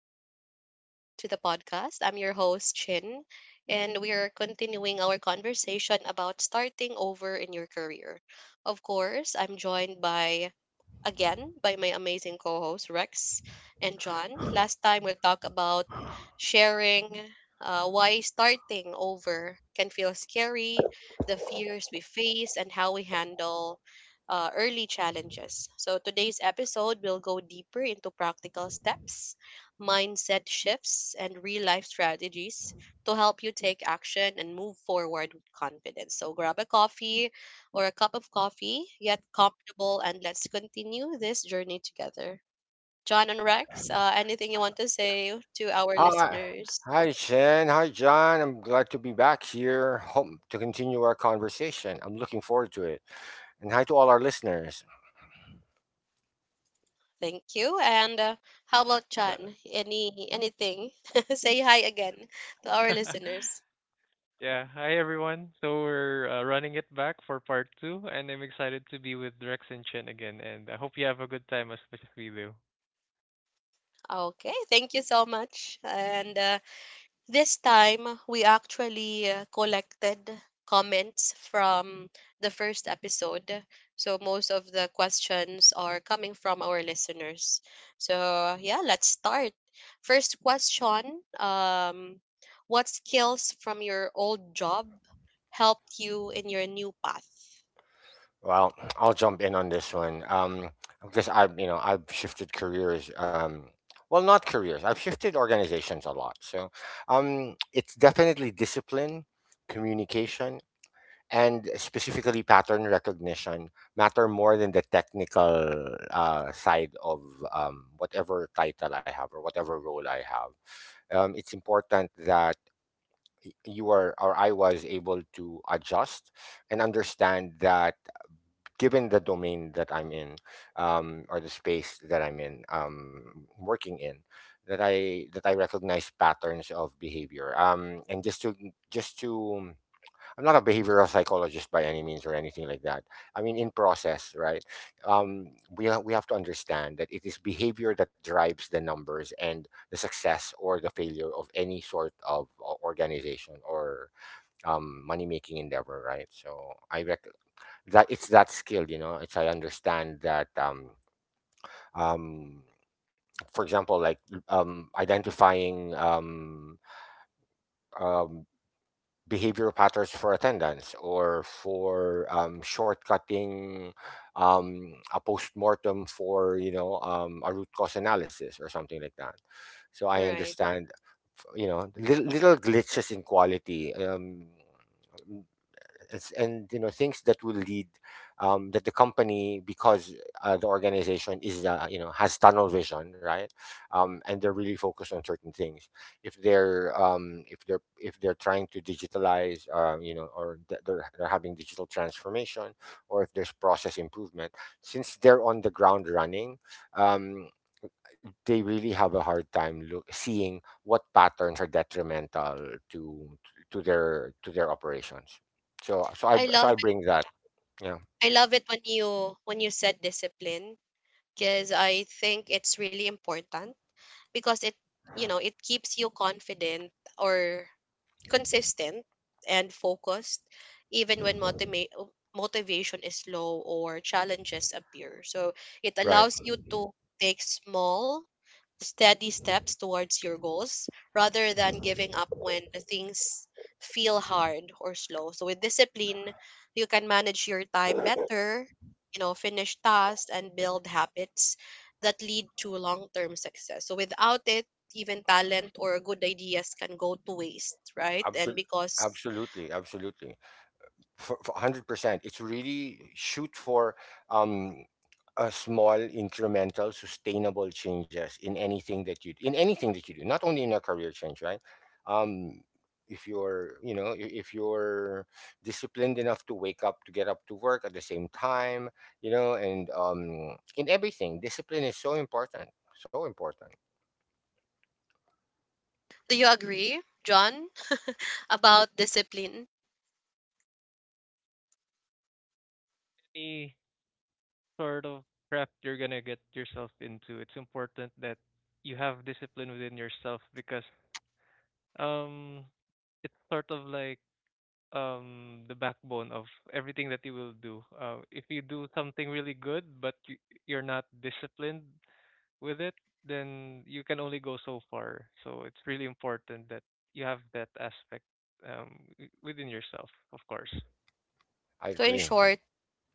and welcome back to the podcast. I'm your host, Chin, and we are continuing our conversation about starting over in your career. Of course, I'm joined by again by my amazing co hosts, Rex and John. Last time we talked about sharing why starting over can feel scary, the fears we face, and how we handle early challenges. So, today's episode will go deeper into practical steps, mindset shifts, and real life strategies to help you take action and move forward with confidence. So, grab a coffee or a cup of coffee, yet comfortable, and let's continue this journey together. John and Rex, anything you want to say to our Hi. listeners? Hi, Jen. Hi, John. I'm glad to be back here. Hope to continue our conversation. I'm looking forward to it. And hi to all our listeners. Thank you. And how about Uh, John? Anything? Say hi again to our listeners. yeah. Hi, everyone. So we're running it back for part two, and I'm excited to be with Rex and Chen again. And I hope you have a good time as much as we do. Okay, thank you so much. And this time, we actually collected comments from the first episode. So, most of the questions are coming from our listeners. So, yeah, let's start. First question, what skills from your old job helped you in your new path? Well, I'll jump in on this one. Because I've shifted careers. Not careers. I've shifted organizations a lot. It's definitely discipline, communication, and specifically pattern recognition matter more than the technical side of whatever title I have or whatever role I have. It's important that you are or I was able to adjust and understand that given the domain that I'm in or the space that I'm in working in that I recognize patterns of behavior, and just to I'm not a behavioral psychologist by any means or anything like that. I mean, in process, right? We have to understand that it is behavior that drives the numbers and the success or the failure of any sort of organization or money making endeavor, right? So that it's that skill, you know. It's I understand that. Um, for example, identifying um, behavior patterns for attendance or for shortcutting a postmortem for a root cause analysis or something like that. So I Right. understand, you know, little, little glitches in quality. It's, and you know, things that will lead, that the company, because the organization is, you know, has tunnel vision, right, and they're really focused on certain things. If they're if they're trying to digitalize, you know, or they're having digital transformation or if there's process improvement, since they're on the ground running, um, they really have a hard time seeing what patterns are detrimental to to their operations. So so I I so love I it. bring that. Yeah, I love it when you said discipline because I think it's really important because it, you know, it keeps you confident or consistent and focused even when motivation is low or challenges appear. So it right. allows you to take small, steady steps towards your goals rather than giving up when things feel hard or slow. So with discipline, you can manage your time better, you know, finish tasks and build habits that lead to long-term success. So without it, even talent or good ideas can go to waste, right? And Absolutely, because, absolutely. For 100% it's really shoot for um a small incremental sustainable changes in anything that you do, not only in a career change, right? Um if you're you know i- if you're disciplined enough to wake up, to get up, to work at the same time, you know. And in everything discipline is so important, so important. do you agree, John, about discipline? Any sort of crap you're gonna get yourself into, it's important that you have discipline within yourself because um, it's sort of like the backbone of everything that you will do. If you do something really good, but you're not disciplined with it, then you can only go so far. So it's really important that you have that aspect, within yourself, of course. I So agree.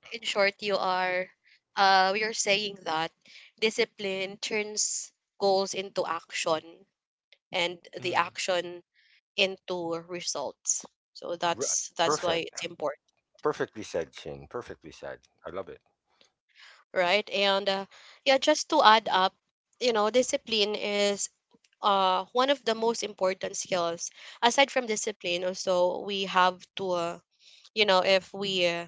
in short, you are, we are saying that discipline turns goals into action and the Mm. It's action into results. So R- that's Perfect, why it's important, perfectly said, Chin, perfectly said. I love it. right? And yeah, just to add up, you know, discipline is, one of the most important skills. Aside from discipline, also we have to, you know, if we,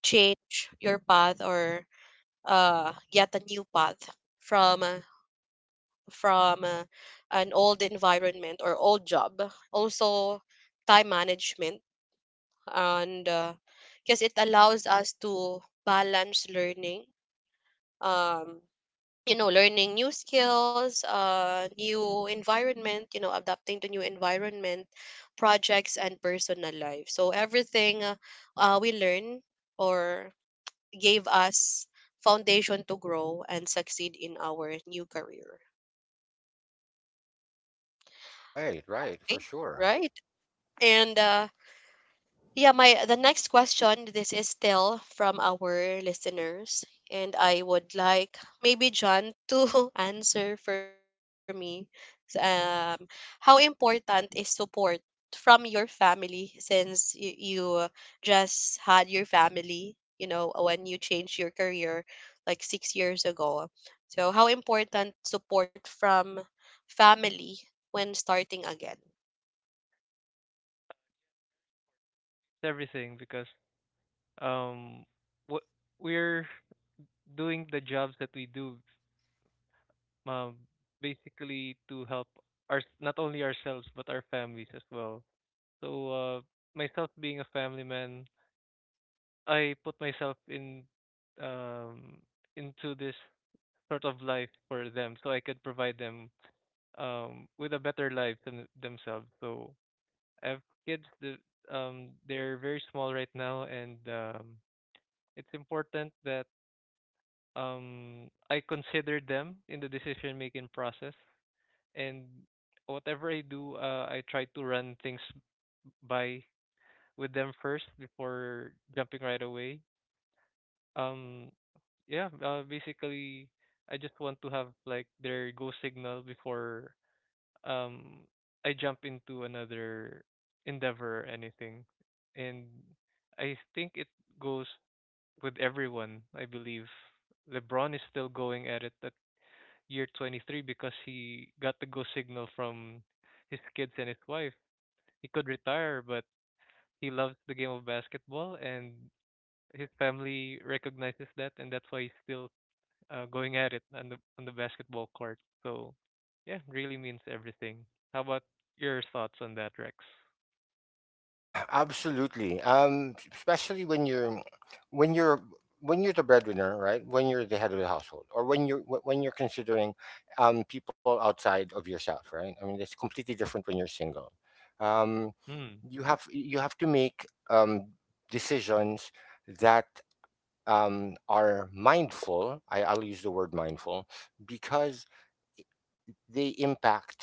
change your path or get a new path from from uh, an old environment or old job, also time management. And because it allows us to balance learning, um, you know, learning new skills, uh, new environment, you know, adapting to new environment, projects and personal life. So everything we learn or gave us foundation to grow and succeed in our new career. Right, right, Okay, for sure. right. And uh, yeah, my the next question, this is still from our listeners, and I would like maybe John to answer for me. So, how important is support from your family since you just had your family, you know, when you changed your career like 6 years ago? So, how important support from family when starting again? everything because, um, what we're doing, the jobs that we do, um, basically to help our, not only ourselves but our families as well. So myself being a family man, I put myself in um, into this sort of life for them so I could provide them with a better life, them themselves. So I have kids. They're very small right now, and it's important that I consider them in the decision making process, and whatever I do, I try to run things by with them first before jumping right away. um yeah Basically, I just want to have like their go signal before um I jump into another endeavor or anything. And I think it goes with everyone, I believe. LeBron is still going at it at year 23 because he got the go signal from his kids and his wife. He could retire, but he loves the game of basketball, and his family recognizes that, and that's why he's still going at it on the basketball court. So, yeah, really means everything. How about your thoughts on that, Rex? Absolutely. Especially when you're when you're when you're the breadwinner, right? When you're the head of the household, or when you're when you're considering people outside of yourself, right? I mean, it's completely different when you're single. Um, Hmm. Mm. you have to make decisions that are mindful. I'll use the word mindful because they impact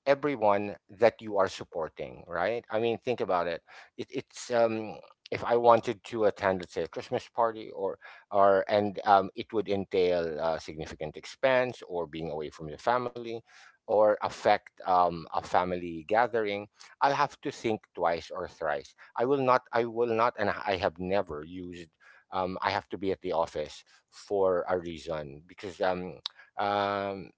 everyone that you are supporting, right? I mean, think about it. It it's If I wanted to attend, let's say, a Christmas party, or and it would entail significant expense or being away from the family, or affect a family gathering. I'll have to think twice or thrice. I will not. I will not, and I have never used. I have to be at the office for a reason because um,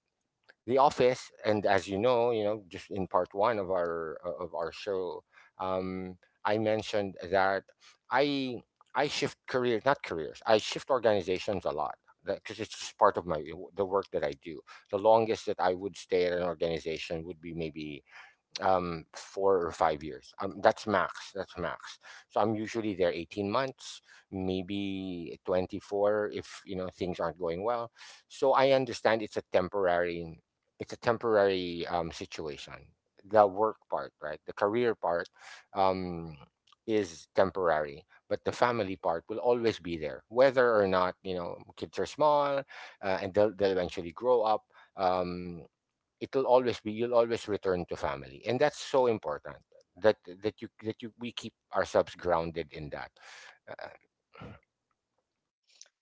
the office, and as you know, just in part one of our show, um, I mentioned that I I shift careers, not careers. I shift organizations a lot because it's just part of my the work that I do. The longest that I would stay at an organization would be maybe 4 or 5 years, that's max, that's max. So I'm usually there 18 months, maybe 24 if, you know, things aren't going well. So I understand it's a temporary, situation. The work part, right, the career part, um is temporary, but the family part will always be there, whether or not, you know, kids are small. They'll eventually grow up. um It'll always be, you'll always return to family, and that's so important that that you we keep ourselves grounded in that. uh,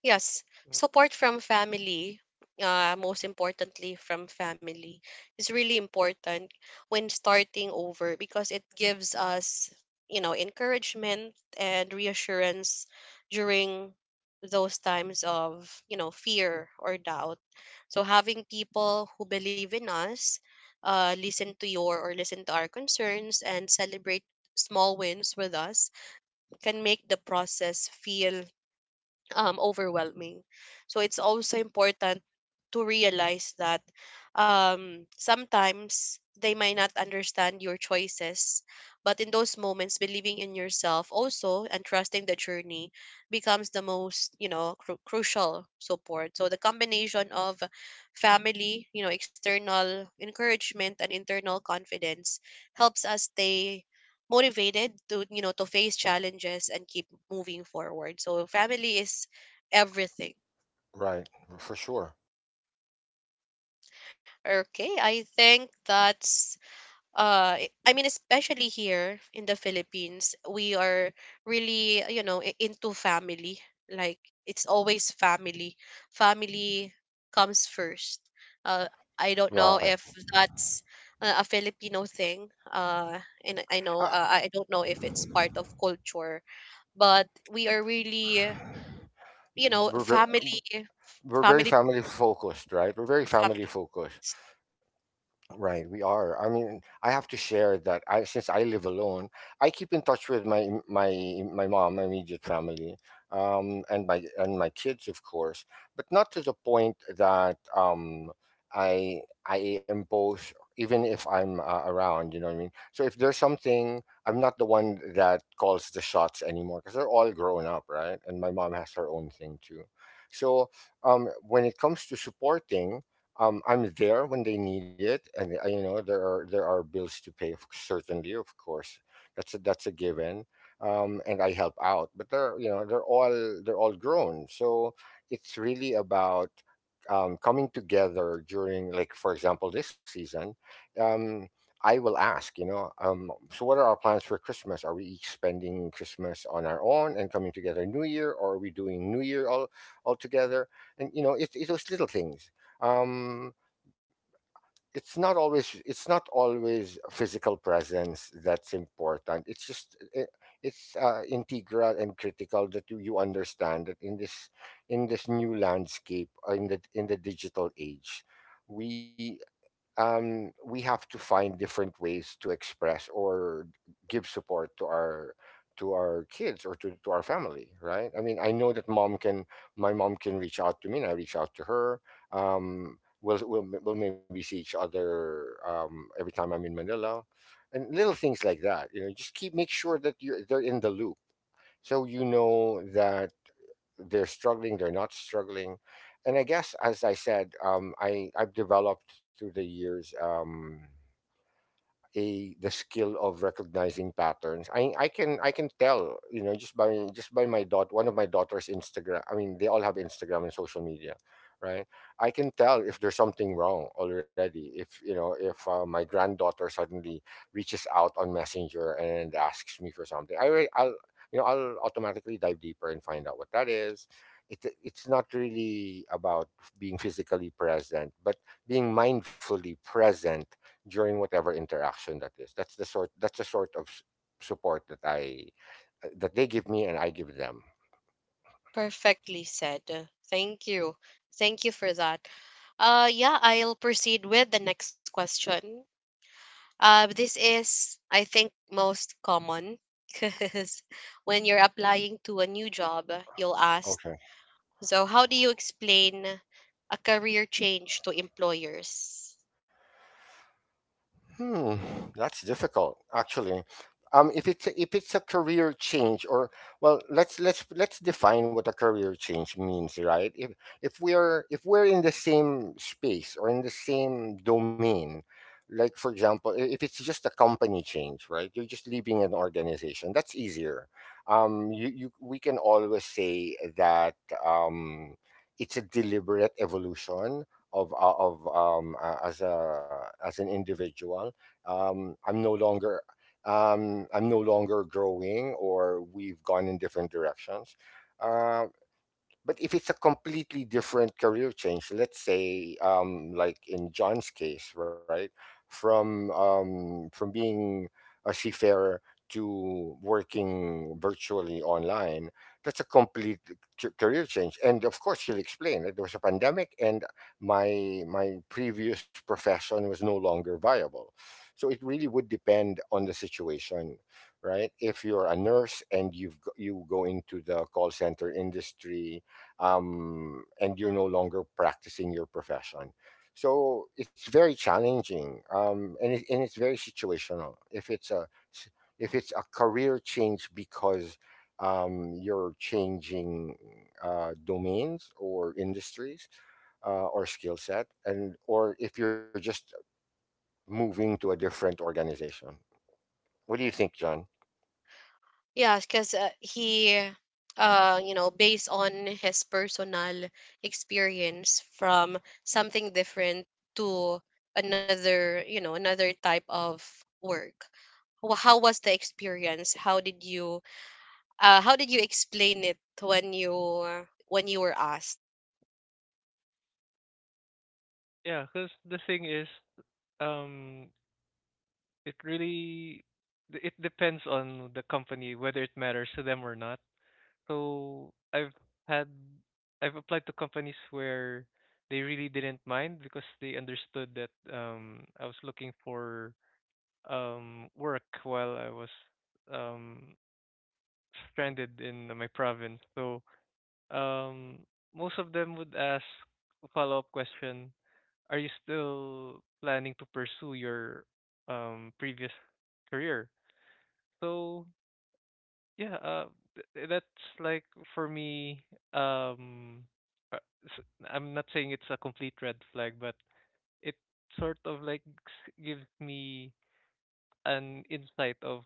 Yes, support from family, most importantly from family, is really important when starting over because it gives us, you know, encouragement and reassurance during those times of, you know, fear or doubt. So having people who believe in us, listen to your or listen to our concerns and celebrate small wins with us can make the process feel, overwhelming. So it's also important to realize that, sometimes they might not understand your choices, but in those moments, believing in yourself also and trusting the journey becomes the most, you know, crucial support. So the combination of family, you know, external encouragement and internal confidence helps us stay motivated to, you know, to face challenges and keep moving forward. So family is everything. right, for sure. Okay, I think that's I mean, especially here in the Philippines, we are really, you know, into family. Like, it's always family. Family comes first. Uh, I don't know right if that's a Filipino thing. Uh, and I know, uh, I don't know if it's part of culture, but we are really, you know, we're, ver- family, we're very family, family focused, right, we're very family family focused. foods. Right, we are. I mean, I have to share that I since I live alone, I keep in touch with my mom, my immediate family, and my kids, of course, but not to the point that, I impose, even if I'm around. You know what I mean? So if there's something, I'm not the one that calls the shots anymore because they're all grown up, right? And my mom has her own thing too. So when it comes to supporting, I'm there when they need it, and, you know, there are bills to pay. Certainly, of course, that's that's a given. And I help out, but they're, you know, they're all grown, so it's really about, coming together during, like for example, this season. Um, I will ask, you know, so what are our plans for Christmas? Are we each spending Christmas on our own and coming together New Year, or are we doing New Year all together? And you know, it's those little things. um it's not always, it's not always physical presence that's important. It's just I- it's integral and critical that you understand that in this, in this new landscape, in the, in the digital age, we, we have to find different ways to express or give support to our, to our kids, or to our family, right? I mean, I know that mom can my mom can reach out to me and I reach out to her. We'll maybe see each other every time I'm in Manila. And little things like that, you know, just keep make sure that you are they're in the loop, so you know that they're struggling, they're not struggling. And I guess, as I said, I've developed through the years a the skill of recognizing patterns. I can tell, you know, just by my daughter, one of my daughter's Instagram. I mean, they all have Instagram and social media, right? I can tell if there's something wrong already. If, you know, if my granddaughter suddenly reaches out on Messenger and asks me for something, I'll, you know, I'll automatically dive deeper and find out what that is. It's not really about being physically present, but being mindfully present during whatever interaction that is. That's the sort, that's the sort of support that I, that they give me and I give them. Perfectly said. Thank you. Thank you for that. Yeah, I'll proceed with the next question. This is, I think, most common because when you're applying to a new job, you'll ask, Okay. so how do you explain a career change to employers? Hmm, that's difficult, actually. If it's a, if it's a career change, or well, let's define what a career change means, right? If we're in the same space or in the same domain, like for example, if it's just a company change, right? You're just leaving an organization. That's easier. You, we can always say that, um, it's a deliberate evolution of, as a, as an individual. um, i'm no longer I'm no longer growing, or we've gone in different directions. uh, but if it's a completely different career change, let's say, like in John's case, right, from, from being a seafarer to working virtually online, that's a complete career change. And of course, he'll explain that there was a pandemic, and my previous profession was no longer viable. So it really would depend on the situation, right? If you're a nurse and you've g- you go into the call center industry, and you're no longer practicing your profession. So it's very challenging, and and it's very situational. If it's a, if it's a career change because, you're changing domains or industries, or skill set, and or if you're just moving to a different organization. What do you think, John? Yeah, because you know, based on his personal experience from something different to another, you know, another type of work. How was the experience? How did you explain it when you were asked? Yeah, because the thing is, um, it really it depends on the company whether it matters to them or not. So had I've applied to companies where they really didn't mind because they understood that I was looking for work while I was um stranded in my province. So um, most of them would ask a follow-up question: are you still planning to pursue your previous career? So yeah, that's like for me. Um, uh, s- I'm not saying it's a complete red flag, but it sort of like gives me an insight of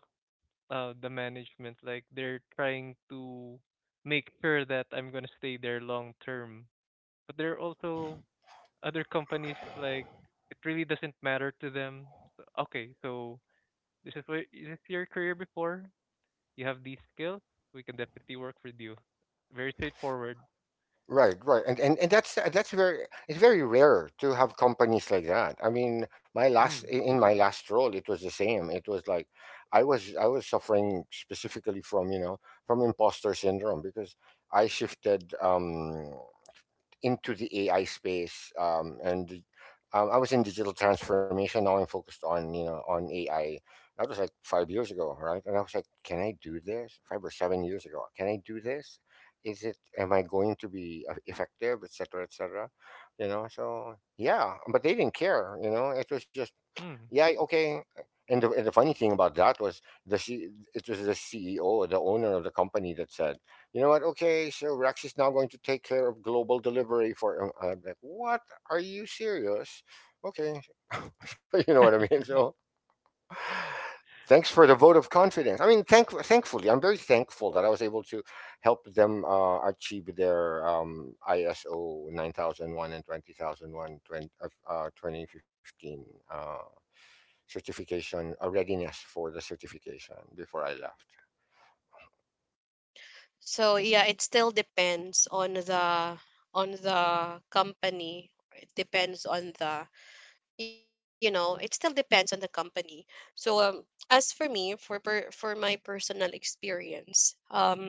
the management. Like they're trying to make sure that I'm gonna stay there long term. But there are also other companies like it really doesn't matter to them. So, okay, so this is your career before. You have these skills. We can definitely work with you. Very straightforward. Right, right, and that's very, it's very rare to have companies like that. I mean, my last, Mm. In my last role, it was the same. It was like I was, I was suffering specifically from, you know, from imposter syndrome because I shifted. Into the AI space, I was in digital transformation. Now I'm focused on, you know, on AI. That was like 5 years ago, right? And I was like, can I do this? 5 or 7 years ago, can I do this? Is it? Am I going to be effective, etc., cetera, etc.? Cetera? You know, so yeah, but they didn't care. You know, it was just Mm. yeah okay and the funny thing about that was it was the CEO, the owner of the company, that said, "You know what? Okay, so Rex is now going to take care of global delivery for. I'm like, "What? Are you serious? Okay." So, you know what I mean? So thanks for the vote of confidence. I mean, thankfully I'm very thankful that I was able to help them achieve their ISO 9001 and 20001 2015 certification, a readiness for the certification before I left. So yeah, it still depends on the company. It depends on the, you know, it still depends on the company. So as for me for for my personal experience,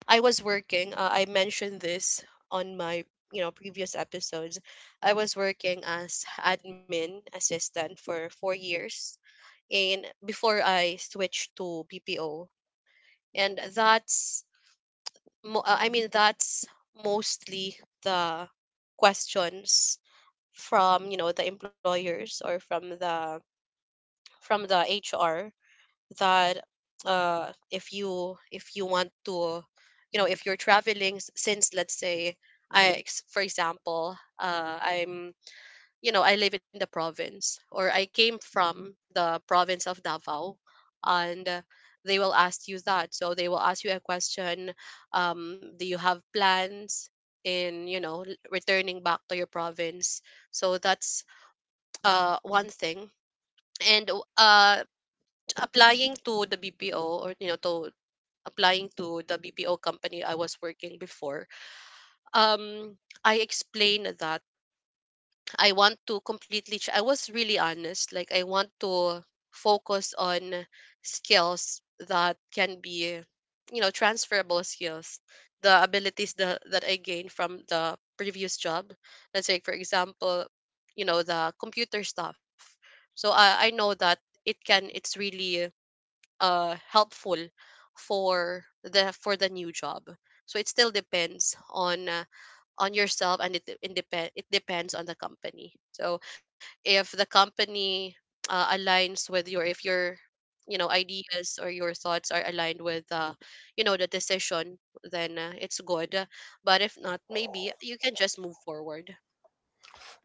I was working, I mentioned this on my, you know, previous episodes. I was working as admin assistant for 4 years, and before I switched to BPO. And that's I mean, that's mostly the questions from, you know, the employers or from the HR, that if you want to, you know, if you're traveling, since, let's say, for example, I'm, you know, I live in the province or I came from the province of Davao, and they will ask you that. So they will ask you a question: do you have plans in, you know, returning back to your province? So that's one thing. And uh, applying to the BPO, or you know, to applying to the BPO company I was working before, um, I explained that I want to completely. I was really honest. Like, I want to focus on skills that can be, you know, transferable skills, the abilities that that I gained from the previous job. Let's say, for example, you know, the computer stuff. So I know that it can. It's really uh, helpful for the new job. So it still depends on, on yourself. And it depends on the company. So if the company aligns with your, if your, you know, ideas or your thoughts are aligned with, you know, the decision, then it's good. But if not, maybe you can just move forward.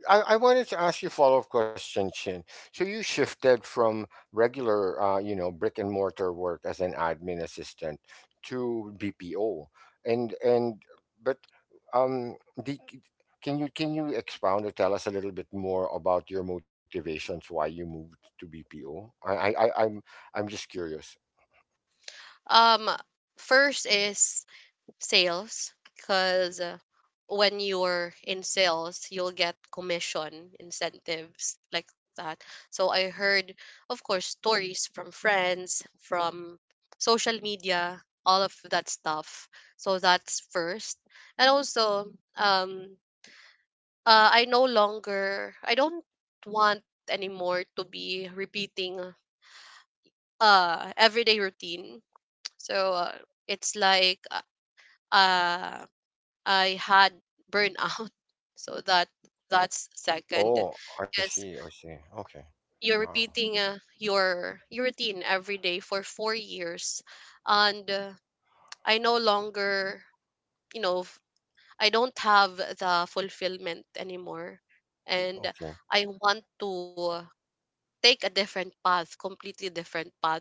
I wanted to ask you a follow-up question, Chin. So you shifted from regular, you know, brick and mortar work as an admin assistant to BPO, and but um, the, can you expound or tell us a little bit more about your motivations why you moved to BPO? I'm I'm just curious. um first is sales, because when you're in sales, you'll get commission incentives like that. So I heard, of course, stories from friends, from social media, all of that stuff. So that's first. And also, um I no longer, I don't want anymore to be repeating, uh, everyday routine. So it's like, uh, I had burnout. So that that's second, Oh, I see. because I see. Okay. you're Wow. repeating, your routine every day for 4 years. And I no longer, you know, I don't have the fulfillment anymore. And Okay. I want to take a different path, completely different path.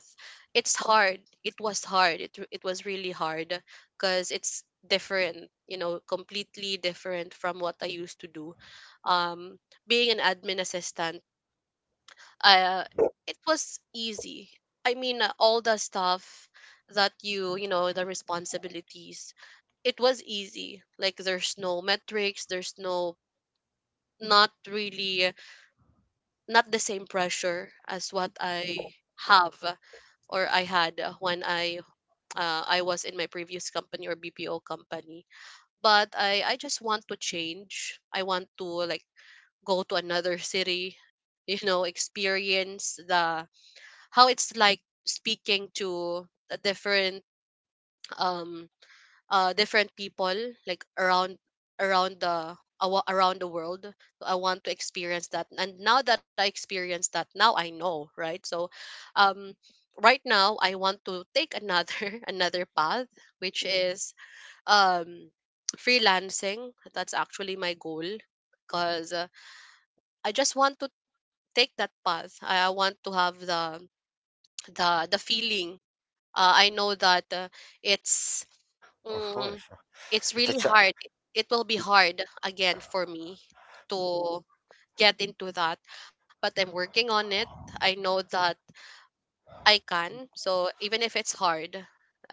It's hard. It was hard. It was really hard, because it's different, you know, completely different from what I used to do. Um, being an admin assistant, uh, it was easy. I mean, all the stuff that you know, the responsibilities, it was easy. Like, there's no metrics, there's no, not really, not the same pressure as what I have or I had when I, I was in my previous company or BPO company. But I just want to change. I want to like go to another city, you know, experience the how it's like speaking to a different, um different people, like around around the around the world. So I want to experience that. And now that I experienced that, now I know, right? So, um, right now I want to take another another path, which is, um freelancing. That's actually my goal, because I just want to take that path. I want to have the feeling. I know that it's, Of mm, course. it's It's a really cha- hard. It will be hard again for me to get into that, but I'm working on it. I know that I can. So even if it's hard,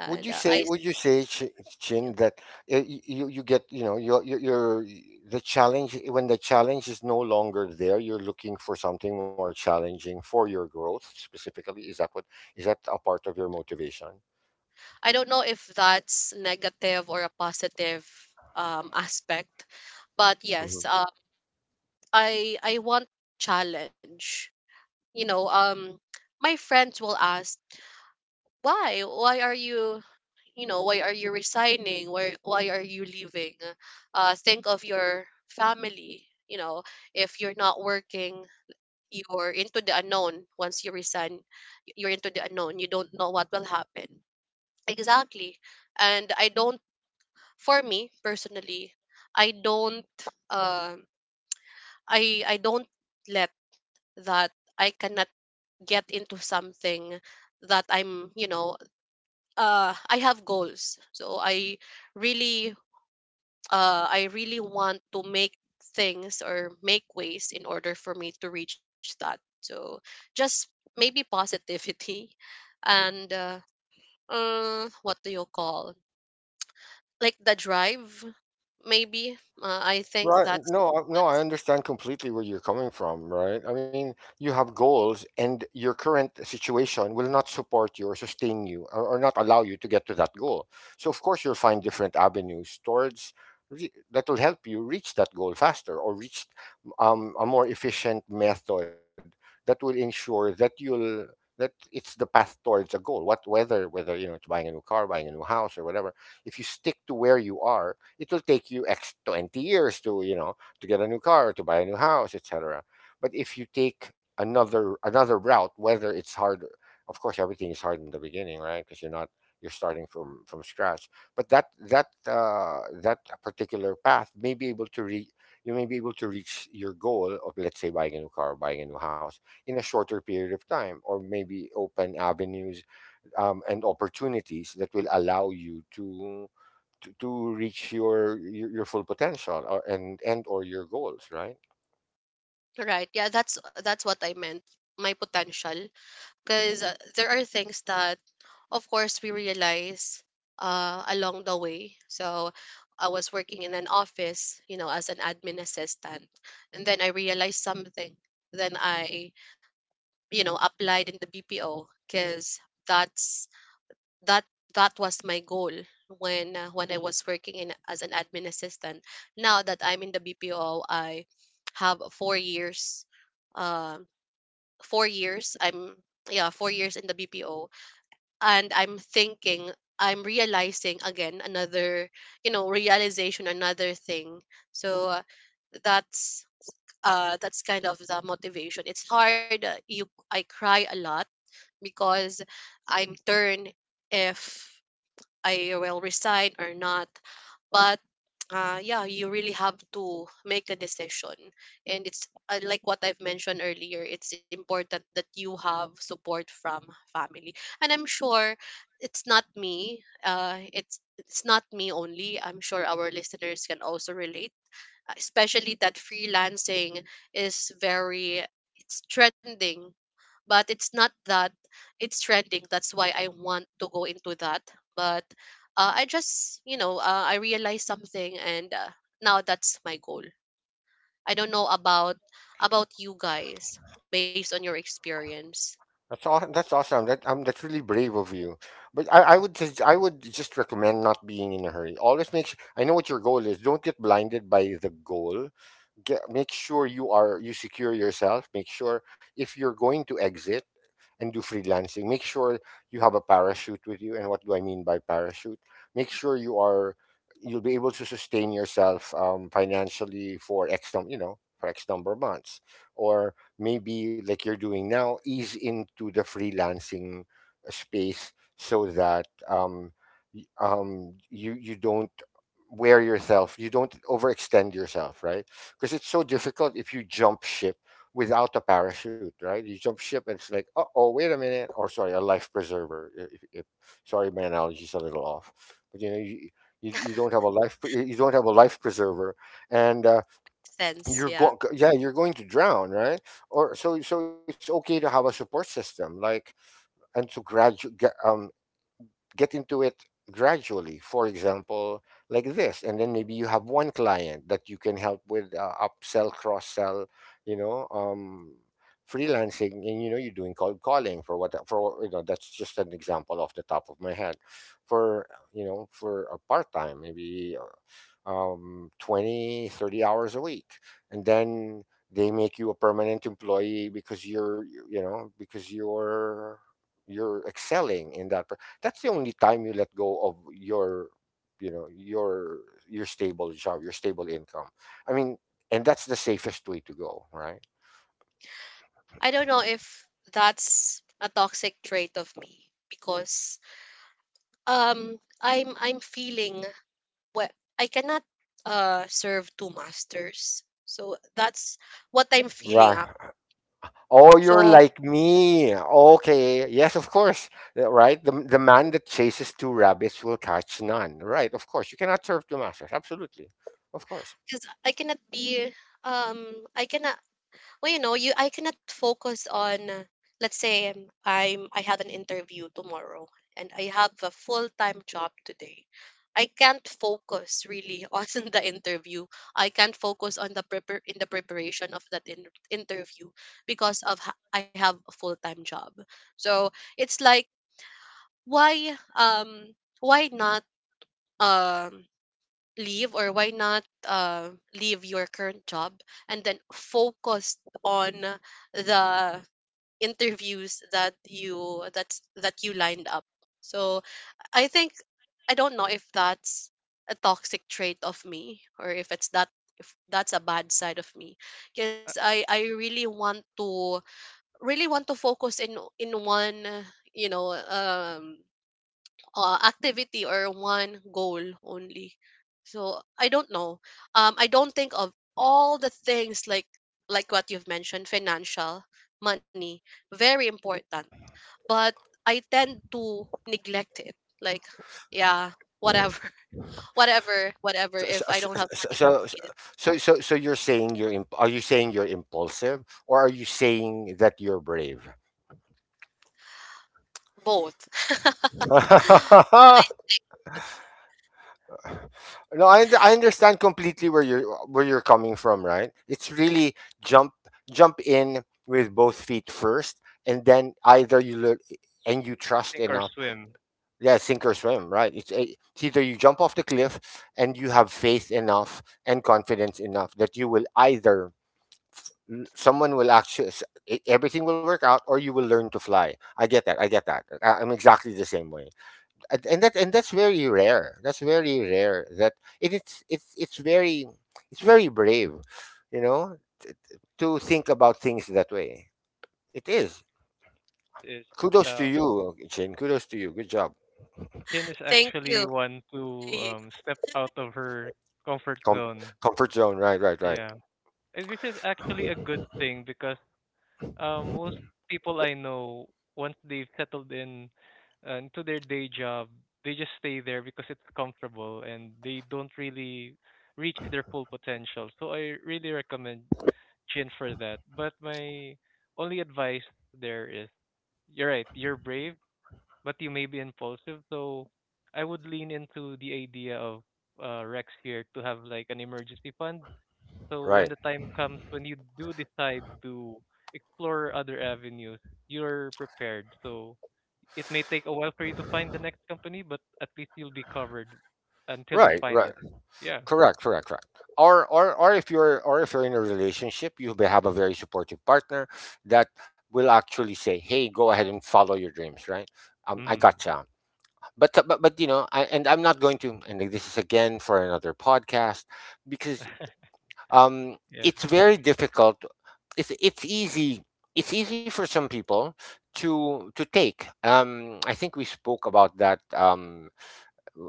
Would you say, Chin, that you get, you know, the challenge, when the challenge is no longer there, you're looking for something more challenging for your growth specifically. Is that what? Is that a part of your motivation? I don't know if that's negative or a positive, aspect, but Mm-hmm. yes, I want challenge. You know, my friends will ask, why? Why are you, you know, why are you resigning? Why are you leaving? Uh, think of your family, you know. If you're not working, you're into the unknown. Once you resign, you're into the unknown. You don't know what will happen, exactly. And I don't, for me personally, I don't, um I don't let that. I cannot get into something that I'm, you know, I have goals. So I really, I really want to make things or make ways in order for me to reach that. So just maybe positivity and what do you call, like, the drive? Maybe, I think Right. No, that's I understand completely where you're coming from, right? I mean, you have goals and your current situation will not support you or sustain you, or not allow you to get to that goal. So of course you'll find different avenues towards that will help you reach that goal faster, or reach a more efficient method that will ensure that you'll that it's the path towards a goal. What whether whether you know it's buying a new car, buying a new house or whatever, if you stick to where you are, it will take you X 20 years to, you know, to get a new car, to buy a new house, etc. But if you take another route, whether it's hard, of course, everything is hard in the beginning, right? Because you're not, you're starting from scratch. But that particular path may be able to re you may be able to reach your goal of, let's say, buying a new car, buying a new house in a shorter period of time, or maybe open avenues and opportunities that will allow you to reach your full potential, or, and or your goals, right? right. Yeah, that's what I meant. My potential. Because there are things that of course we realize along the way. So I was working in an office, you know, as an admin assistant, and then I realized something. Then I, applied in the BPO because that's that that was my goal when I was working in as an admin assistant. Now that I'm in the BPO, I have 4 years. um 4 years I'm yeah, 4 years in the BPO. And I'm thinking, I'm realizing again another, realization, another thing. So that's that's kind of the motivation. It's hard. You I cry a lot because I'm turned if I will resign or not. But yeah, you really have to make a decision. And it's like what I've mentioned earlier, it's important that you have support from family. And I'm sure it's not me. It's not me only. I'm sure our listeners can also relate, especially that freelancing is very, it's trending, but it's not that it's trending that's why I want to go into that. But I just, I realized something. And now that's my goal. I don't know about you guys, based on your experience. That's awesome that that's really brave of you, but I would just recommend not being in a hurry. Always make sure, I know what your goal is. Don't get blinded by the goal. Make sure you secure yourself. Make sure if you're going to exit and do freelancing, make sure you have a parachute with you. And what do I mean by parachute? Make sure you are, you'll be able to sustain yourself financially for x num you know, for x number of months. Or maybe like you're doing now, ease into the freelancing space, so that you you don't wear yourself, you don't overextend yourself, right? Because it's so difficult if you jump ship without a parachute, right? You jump ship and it's like, oh, oh, wait a minute, or sorry, a life preserver. If, sorry, my analogy's a little off, but you know, you don't have a life, you don't have a life preserver, and you're Sense, going, yeah. yeah, you're going to drown, right? So it's okay to have a support system, like, and to gradually get into it gradually, for example, like this. And then maybe you have one client that you can help with upsell, cross sell, you know, freelancing. And you know, you're doing cold calling for what, for you know, that's just an example off the top of my head for, you know, for a part-time, maybe 20 30 hours a week. And then they make you a permanent employee because you're you know because you're excelling in that. That's the only time you let go of your, you know, your stable job, your stable income, I mean. And that's the safest way to go, right? I don't know if that's a toxic trait of me because I'm feeling what I cannot serve two masters. So that's what I'm feeling up. Right. Oh, So you're like me. Okay, yes, of course. Right, the man that chases two rabbits will catch none, right? Of course you cannot serve two masters, absolutely, of course. because I cannot be, um I cannot, well, you know you I cannot focus on let's say I have an interview tomorrow and I have a full-time job today. I can't focus really on the interview. I can't focus on the in the preparation of that interview because of I have a full-time job. So it's like why, why not, um leave, or why not leave your current job and then focus on the interviews that you, that you lined up. So I think, I don't know if that's a toxic trait of me, or if it's that, if that's a bad side of me, because Uh, I really want to, really want to focus in one, you know um activity, or one goal only. So I don't know. I don't think of all the things like what you've mentioned: financial, money, very Right. important. But I tend to neglect it. Like, yeah, whatever, whatever, whatever. So If I don't have money, so it- so so you're saying are you saying you're impulsive, or are you saying that you're brave? both. No, I- I understand completely where you're, where you're coming from, right? It's really jump, jump in with both feet first, and then either you look and you I trust think or enough, swim. yeah, sink or swim, right? It's either you jump off the cliff and you have faith enough and confidence enough that you will either, someone will actually, everything will work out, or you will learn to fly. I get that, I get that. I'm exactly the same way. And that's very rare, that's very rare that it, it's very brave, you know, to think about things that way. It is Is kudos to uh, you, Chin. Kudos to you. Good job. Jen is Thank you. actually one to Thank you. Go. step out of her comfort Com- zone. Comfort zone, right, right, right, Yeah. Which is actually a good thing because, most people I know, once they've settled in into their day job, they just stay there because it's comfortable and they don't really reach their full potential. So I really recommend Chin for that. But my only advice there is, you're right, you're brave, but you may be impulsive. So I would lean into the idea of, Rex here, to have like an emergency fund, so when right, the time comes when you do decide to explore other avenues, you're prepared. So it may take a while for you to find the next company, but at least you'll be covered until you right, find right. it. Yeah. Correct, correct, correct. Or if you're in a relationship, you will have a very supportive partner that will actually say, "Hey, go ahead and follow your dreams." Right? I Mm. gotcha. But, but you know, and I'm not going to. And this is again for another podcast because Yeah. it's very difficult. It's easy. It's easy for some people to take. I think we spoke about that.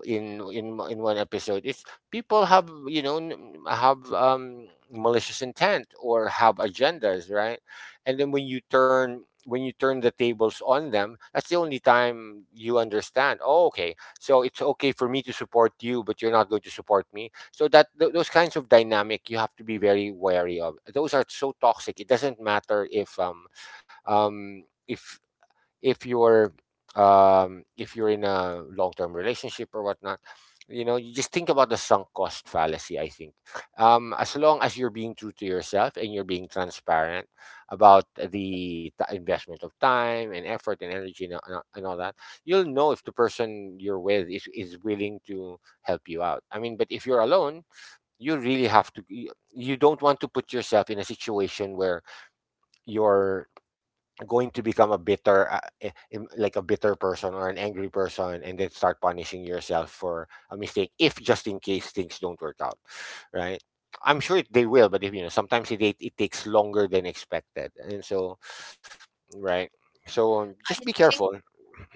in one episode. It's people have, you know, have malicious intent or have agendas, right? And then when you turn, when you turn the tables on them, that's the only time you understand. Oh, okay, so it's okay for me to support you, but you're not going to support me. So that those kinds of dynamic, you have to be very wary of. Those are so toxic. It doesn't matter if um if if you're if you're in a long-term relationship or whatnot. You know, you just think about the sunk cost fallacy, I think. Um, as long as you're being true to yourself and you're being transparent about the investment of time and effort and energy and all that, you'll know if the person you're with is willing to help you out, I mean. But if you're alone, you really have to, you don't want to put yourself in a situation where you're going to become a bitter like a bitter person or an angry person, and then start punishing yourself for a mistake if, just in case, things don't work out, right? I'm sure they will, but if, you know, sometimes it it takes longer than expected. And so right. So I just be think, careful.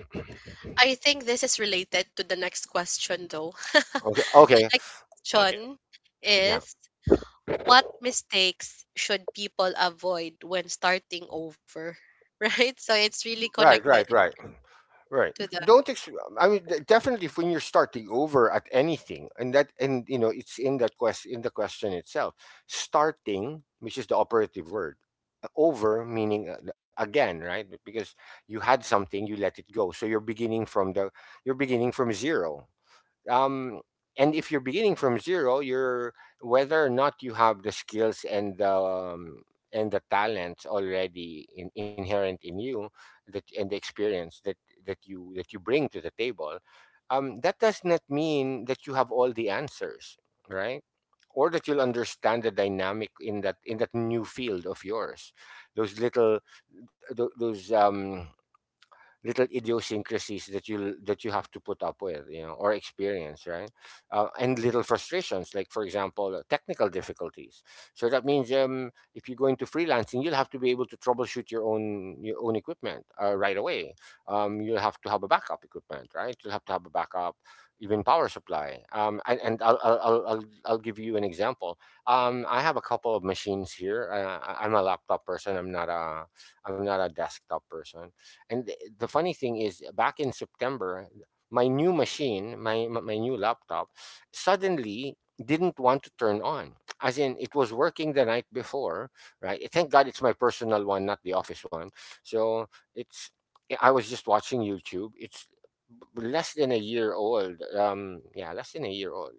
I think this is related to the next question though. Okay, okay. Okay. Question Yeah, is, what mistakes should people avoid when starting over? Right? So it's really right, connected right, right. Right. to the— Don't. Ex- I mean, definitely, if, when you're starting over at anything, and that, and you know, it's in that quest in the question itself. Starting, which is the operative word, over, meaning again, right? Because you had something, you let it go, so you're beginning from the, you're beginning from zero, um, and if you're beginning from zero, you're, whether or not you have the skills and the talent already inherent in you, that, and the experience that that you bring to the table, that does not mean that you have all the answers, right? Or that you'll understand the dynamic in that, in that new field of yours. Those little th- those little idiosyncrasies that you have to put up with, you know, or experience, right? And little frustrations, like, for example, technical difficulties. So that means if you go into freelancing, you'll have to be able to troubleshoot your own, your own equipment, right away. Um, you'll have to have a backup equipment, right? You'll have to have a backup even power supply. And I'll give you an example. Um, I have a couple of machines here. I'm a laptop person. I'm not a, I'm not a desktop person. And the funny thing is, back in September, my new machine, my new laptop, suddenly didn't want to turn on. As in, it was working the night before, right? Thank God it's my personal one, not the office one. So it's yeah, I was just watching YouTube. It's less than a year old. Yeah, Less than a year old.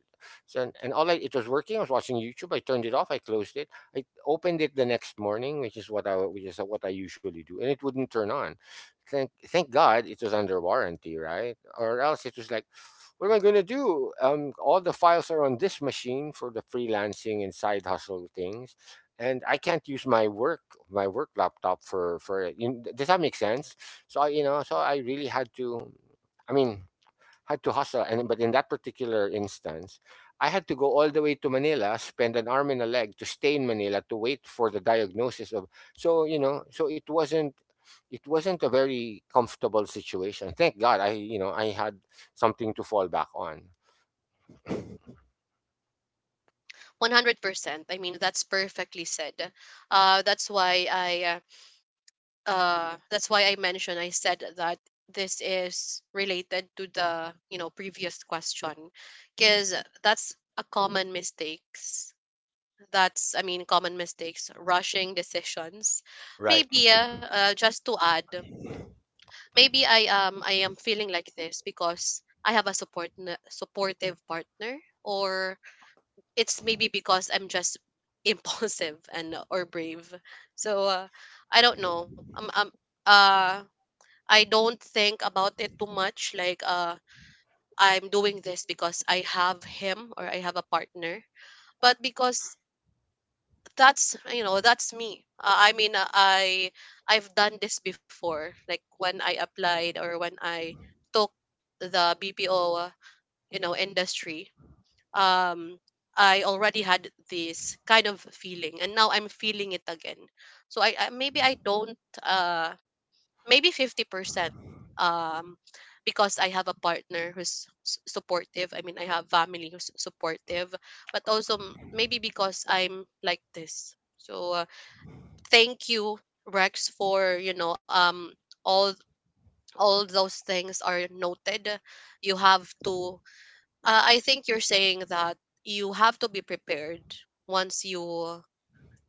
So and all I It was working. I was watching YouTube. I turned it off. I closed it. I opened it the next morning, which is what I which is what I usually do, and it wouldn't turn on. Thank God it was under warranty, right? Or else it was like, what am I gonna do? All the files are on this machine for the freelancing and side hustle things, and I can't use my work laptop for for. You, does that make sense? So so I really had to. I mean, Had to hustle. And but in that particular instance, I had to go all the way to Manila, spend an arm and a leg to stay in Manila to wait for the diagnosis of. So, so it wasn't a very comfortable situation. Thank God, I you know I had something to fall back on. 100%. I mean, that's perfectly said. That's why I, that's why I mentioned, I said that this is related to the, you know, previous question because that's a common mistakes. That's, I mean, common mistakes, rushing decisions. Right. Maybe just to add, maybe I, I am feeling like this because I have a supportive partner, or it's maybe because I'm just impulsive and or brave. So I don't know. Um uh I don't think about it too much, like I'm doing this because I have him or I have a partner. But because that's, you know, that's me. I I've done this before, like when I applied or when I took the BPO, you know, industry. um I already had this kind of feeling, and now I'm feeling it again. So I maybe, I don't, uh maybe 50%, um because I have a partner who's supportive, I mean I have family who's supportive. But also, maybe because I'm like this. So thank you, Rex, for, all all those things are noted. You have to, I think you're saying that you have to be prepared once you,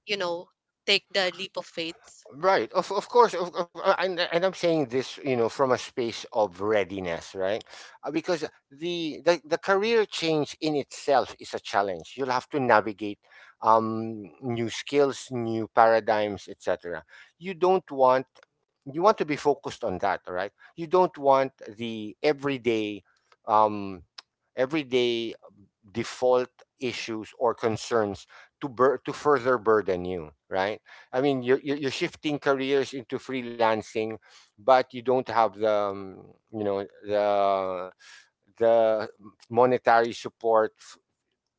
you know, take the leap of faith. Right. Of course. Of, and I'm saying this, you know, from a space of readiness, right? Because the the career change in itself is a challenge. You'll have to navigate new skills, new paradigms, etc. You don't want you want to be focused on that, right? You don't want the um, everyday default issues or concerns to further burden you, right? I mean, you're shifting careers into freelancing, but you don't have the the the monetary support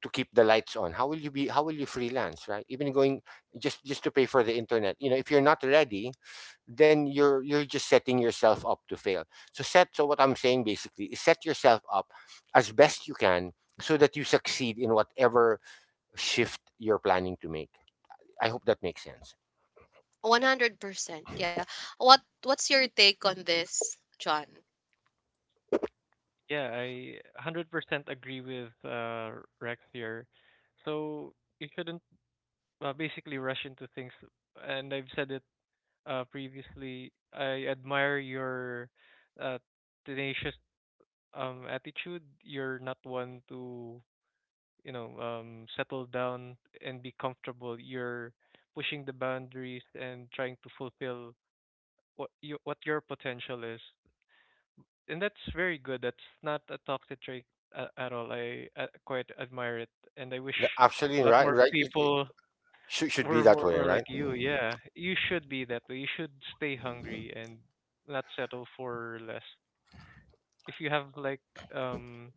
to keep the lights on. How will you freelance, right? even going Just to pay for the internet, you know, if you're not ready, then you're just setting yourself up to fail. So what I'm saying basically is set yourself up as best you can so that you succeed in whatever shift you're planning to make. I hope that makes sense. 100%, yeah. What, what's your take on this, John? Yeah, I 100% agree with Rex here. So you shouldn't, basically, rush into things. And I've said it previously. I admire your uh, tenacious attitude. You're not one to, you know, settle down and be comfortable. You're pushing the boundaries and trying to fulfill what your potential is. And that's very good. That's not a toxic trait at all. I quite admire it, and I wish Actually, a lot right, more right. It, people should be that way, were right? like you. Yeah, you should be that way. You should stay hungry and not settle for less. If you have like um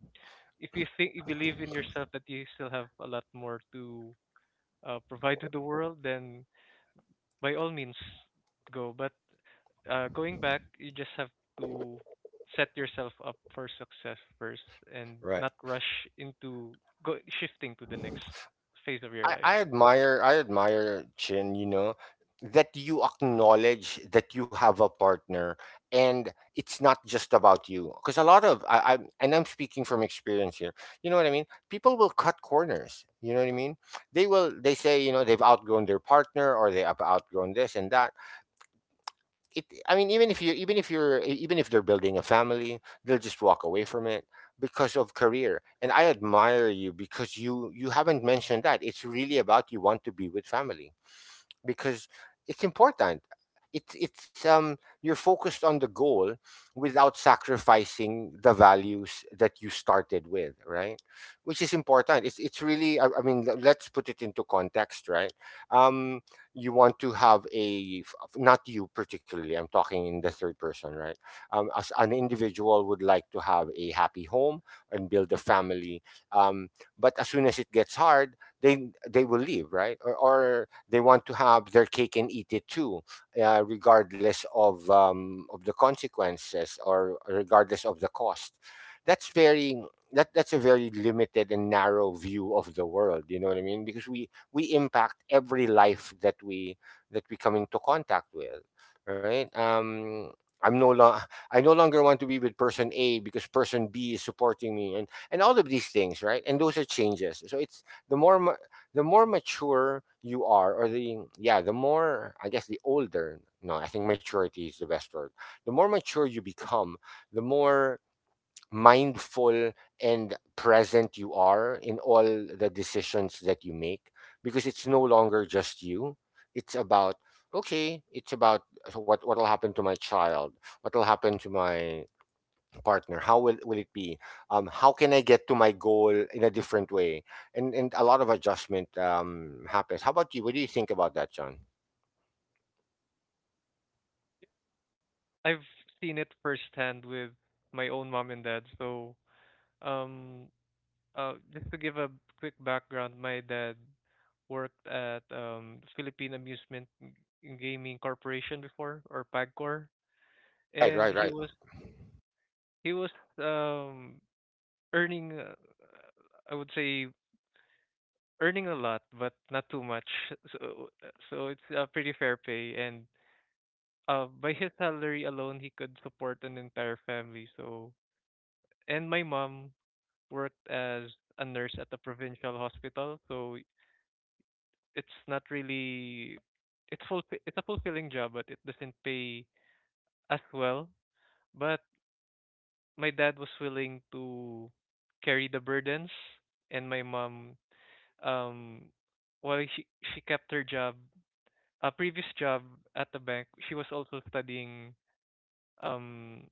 if you think you believe in yourself that you still have a lot more to provide to the world, then by all means go. But going back, you just have to set yourself up for success first, and Right. not rush into go shifting to the next phase of your life. I admire Chin, you know, that you acknowledge that you have a partner and it's not just about you. Because a lot of I and I'm speaking from experience here. You know what I mean? People will cut corners. You know what I mean? They say, you know, they've outgrown their partner or they have outgrown this and that. It I mean even if you, even if even if they're building a family, they'll just walk away from it because of career. And I admire you because you haven't mentioned that. It's really about you want to be with family, because it's important. It's You're focused on the goal without sacrificing the values that you started with, right? Which is important. It's really I mean, let's put it into context, right? Um, you want to have not you particularly. I'm talking in the third person, right? As an individual would like to have a happy home and build a family. Um, but as soon as it gets hard, they will leave, right? Or they want to have their cake and eat it too, regardless of the consequences or regardless of the cost. That's very that that's a very limited and narrow view of the world. You know what I mean? Because we impact every life that we come into contact with, right? I'm no lo- I no longer want to be with person A because person B is supporting me, and all of these things, right? And those are changes. So it's the more mature you are, or the yeah the more I guess the older no I think maturity is the best word. The more mature you become, the more mindful and present you are in all the decisions that you make, because it's no longer just you. It's about, okay, it's about, so what will happen to my child? What will happen to my partner? Will it be, how can I get to my goal in a different way? And a lot of adjustment happens. How about you? What do you think about that, John? I've seen it firsthand with my own mom and dad. Um just to give a quick background, my dad worked at Philippine Amusement Gaming Corporation before, or PAGCOR, Right, right, and he right, was he was um earning, I would say earning a lot, but not too much. So so it's a pretty fair pay, and by his salary alone, he could support an entire family. And my mom worked as a nurse at a provincial hospital. So it's not really it's full it's a fulfilling job, but it doesn't pay as well. But my dad was willing to carry the burdens, and my mom, um, while she kept her job, a previous job at the bank, she was also studying, um,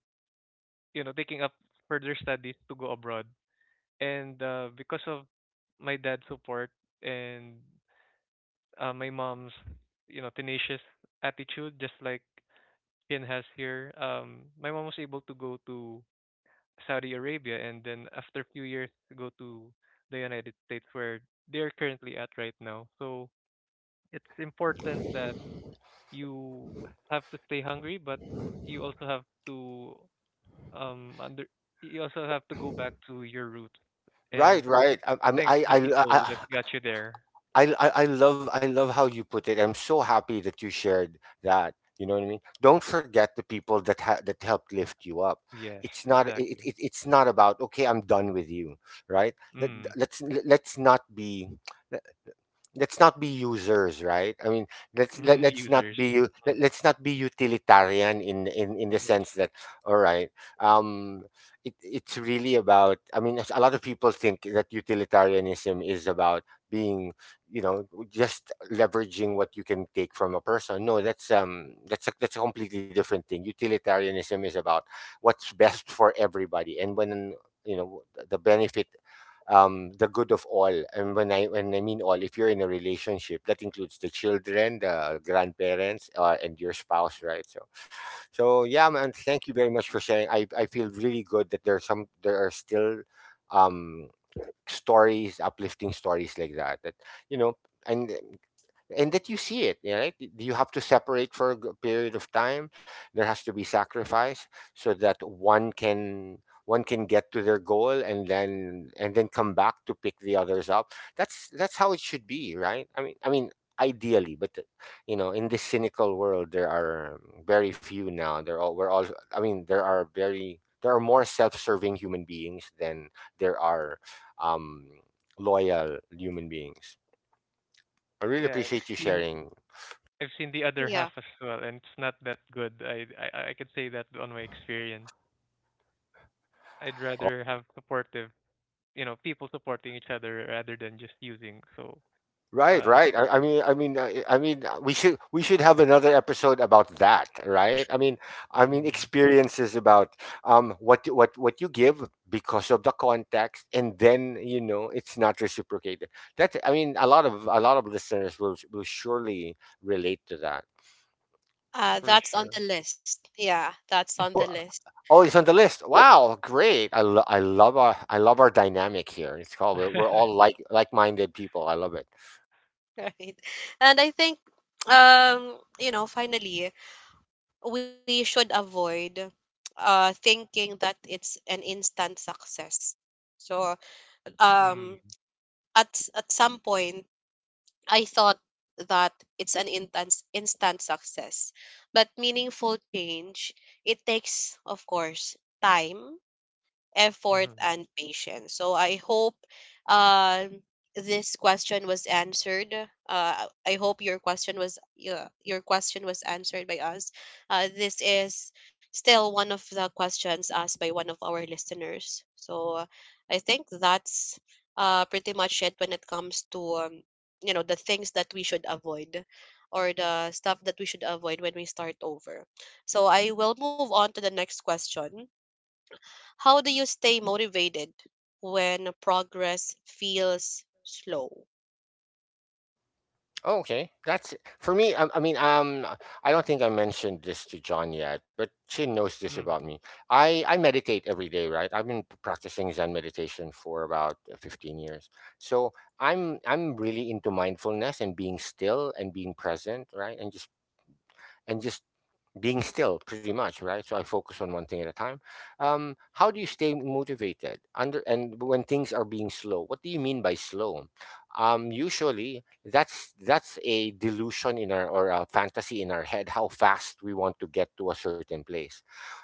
taking up further studies to go abroad. And Because of my dad's support and, my mom's, tenacious attitude, just like Ian has here. My mom was able to go to Saudi Arabia and then, after a few years, go to the United States, where they're currently at right now. So it's important that you have to stay hungry, but you also have to um under you also have to go back to your roots and right, right. I, I'm- thank the people that got you there. I love how you put it. I'm so happy that you shared that. You know what I mean? Don't forget the people that helped lift you up. Yes, It's not exactly. It's not about, okay, I'm done with you, right? Mm. Let's not be users, right? I mean, Mm, let's not users. be u- Mm. let, let's not be utilitarian in the Yes. sense that, all right, um it, it's really about, I mean, a lot of people think that utilitarianism is about being, you know, just leveraging what you can take from a person. No, that's that's a completely different thing. Utilitarianism is about what's best for everybody, and when, you know, the benefit, the good of all. And when I mean all, if you're in a relationship, that includes the children, the grandparents, and your spouse, right? So yeah, man, thank you very much for sharing. I feel really good that there are still um stories, uplifting stories like that. That, you know, and that you see it, yeah, right? You have to separate for a period of time. There has to be sacrifice so that one can get to their goal and then come back to pick the others up. That's how it should be, right? Ideally, but you know, in this cynical world, there are very few now. They're all we're all. I mean, there are more self-serving human beings than there are um, loyal human beings. I really Yeah, and I've appreciate you seen sharing. I've seen the other Yeah. half as well, and it's not that good. I can say that on my experience. I'd rather have supportive, people supporting each other rather than just using. So, Right, uh, right. I mean, I mean, I mean, We should have another episode about that, right? I mean, mm, experiences about what what you give because of the context, and then, you know, it's not reciprocated. That I mean, a lot of listeners will surely relate to that. For That's on sure. the list, yeah, that's on the Oh. list. Oh, he's on the list. Wow, great. I love our dynamic here. It's called we're all like like-minded people. I love it. Right. And I think, you know, finally, we should avoid thinking that it's an instant success. So, um, Mm, at at some point, I thought that it's an instant, instant success, but meaningful change, it takes, of course, time, effort, mhm, and patience. So I hope, um this question was answered. I hope your question was, yeah, your question was answered by us. This is still one of the questions asked by one of our listeners. So I think that's pretty much it when it comes to, you know, the things that we should avoid, or the stuff that we should avoid when we start over. So I will move on to the next question. How do you stay motivated when progress feels slow? Oh, okay. That's for me. I mean, I don't think I mentioned this to John yet, but Chin knows this mm. about me. I meditate every day, right? I've been practicing Zen meditation for about 15 years. So, I'm really into mindfulness and being still and being present, right? And just and just being still pretty much, right? So I focus on one thing at a time. How do you stay motivated under, and when things are being slow, what do you mean by slow? Usually that's a delusion in our, or a fantasy in our head, how fast we want to get to a certain place,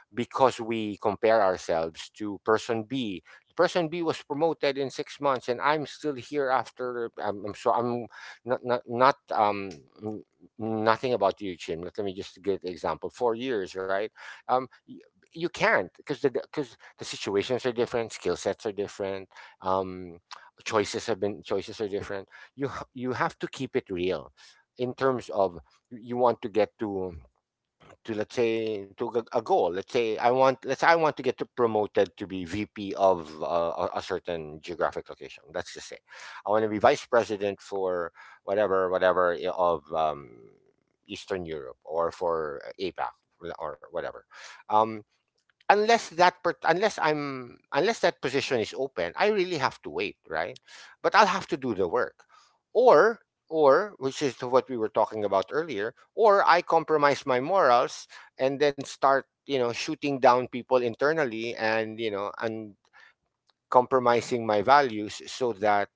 because we compare ourselves to person B. Person B was promoted in 6 months, and I'm still here after. I'm not n- nothing about you, Chin. But let me just give the example. 4 years, right? Um, y- you can't, because the situations are different, skill sets are different, um, choices have been, choices are different. You have to keep it real in terms of, you want to get to, let's say to a goal. Let's say I want let's say I want to get to promoted to be VP of a certain geographic location. Let's just say I want to be vice president for whatever, of Eastern Europe or for APAC or whatever. um, Unless unless I'm, unless that position is open, I really have to wait, right? But I'll have to do the work, or which is what we were talking about earlier, or I compromise my morals and then start, you know, shooting down people internally, and you know, and compromising my values so that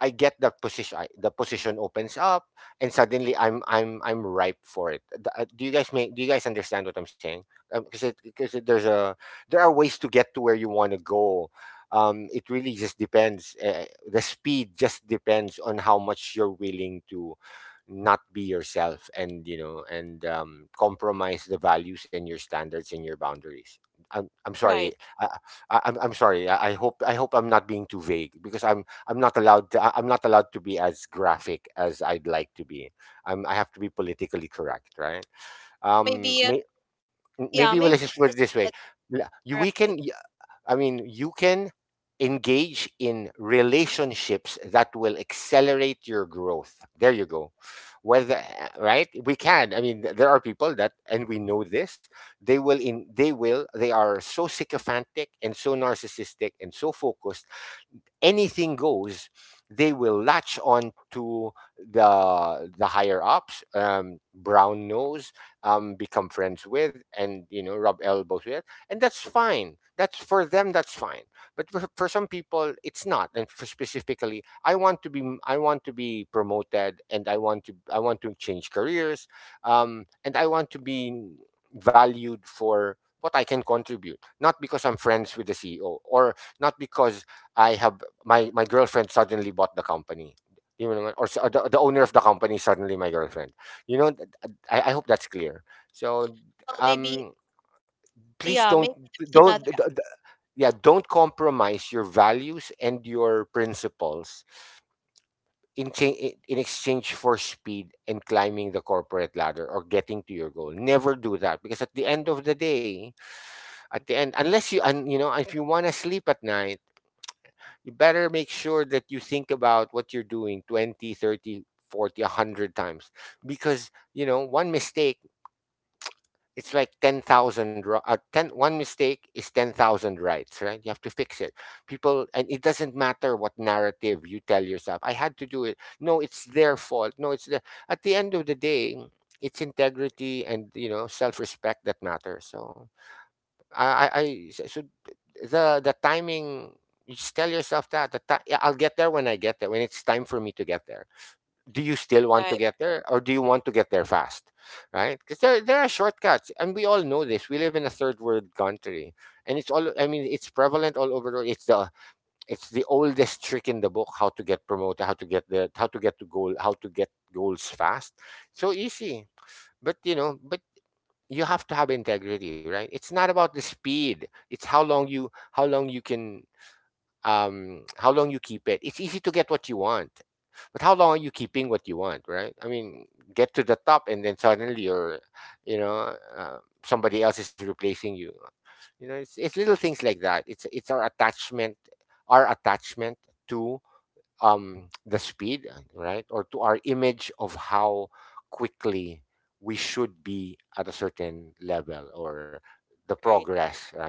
I get that position. The position opens up, and suddenly I'm ripe for it. Do you guys make? Do you guys understand what I'm saying? Because it, there's a there are ways to get to where you want to go. It really just depends. The speed just depends on how much you're willing to not be yourself, and you know, and compromise the values and your standards and your boundaries. I'm sorry. Right. I, I'm sorry. I hope I hope I'm not being too vague because I'm not allowed to, I'm not allowed to be as graphic as I'd like to be. I have to be politically correct, right? Maybe, May, m- yeah, maybe we'll maybe. let's just put it That's this way: that- L- you we right. can, y- I mean, you can engage in relationships that will accelerate your growth. There you go. Whether right, we can. I mean, there are people that, and we know this. They will in. They will. They are so sycophantic and so narcissistic and so focused, anything goes, they will latch on to the higher ups. Brown knows, become friends with, and you know, rub elbows with, and that's fine. That's for them. That's fine. But for some people, it's not. And for specifically, I want to be I want to be promoted, and I want to change careers, and I want to be valued for what I can contribute, not because I'm friends with the CEO or not because I have my girlfriend suddenly bought the company. You know, or the owner of the company suddenly my girlfriend. You know, I hope that's clear. So, Well, um, maybe, please yeah, maybe there's don't d- another, d- d- yeah don't compromise your values and your principles in exchange for speed and climbing the corporate ladder or getting to your goal. Never do that because at the end of the day, at the end, unless you know, if you want to sleep at night, you better make sure that you think about what you're doing 20 30 100 times, because you know, one mistake, it's like 10,000 uh, 10 one mistake is 10,000 rights, right? You have to fix it people, and it doesn't matter what narrative you tell yourself. I had to do it, no it's their fault, no it's the, at the end of the day, it's integrity and you know, self-respect that matters. So I I I so so the timing, you just tell yourself that yeah, I'll get there when I get there, when it's time for me to get there. Do you still want to right, get there or do you want to get there fast? Right? Because there are shortcuts and we all know this. We live in a third world country, and it's all, I mean, it's prevalent all over the world. It's the oldest trick in the book, how to get promoted, how to get to goal, how to get goals fast. So easy. But you know, but you have to have integrity, right? It's not about the speed, it's how long you can, um, how long you keep it. It's easy to get what you want, but how long are you keeping what you want, right? I mean, get to the top and then suddenly you're, you know, somebody else is replacing you. You know, it's little things like that. It's our attachment, our attachment to, the speed, right? Or to our image of how quickly we should be at a certain level, or the right. progress, right?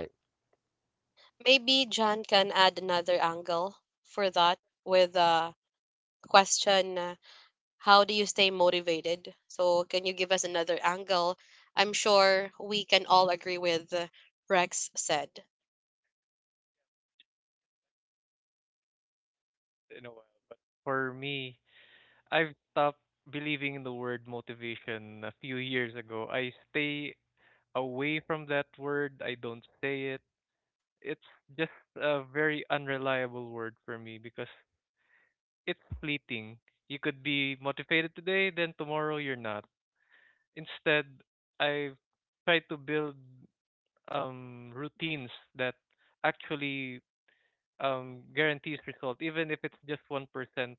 Maybe John can add another angle for that, with a question, how do you stay motivated? So, can you give us another angle? I'm sure we can all agree with Rex said. In a while, but for me, I've stopped believing in the word motivation a few years ago. I stay away from that word. I don't say it. It's just a very unreliable word for me because it's fleeting. You could be motivated today, then tomorrow you're not. Instead, I've tried to build, routines that actually guarantees result, even if it's just 1%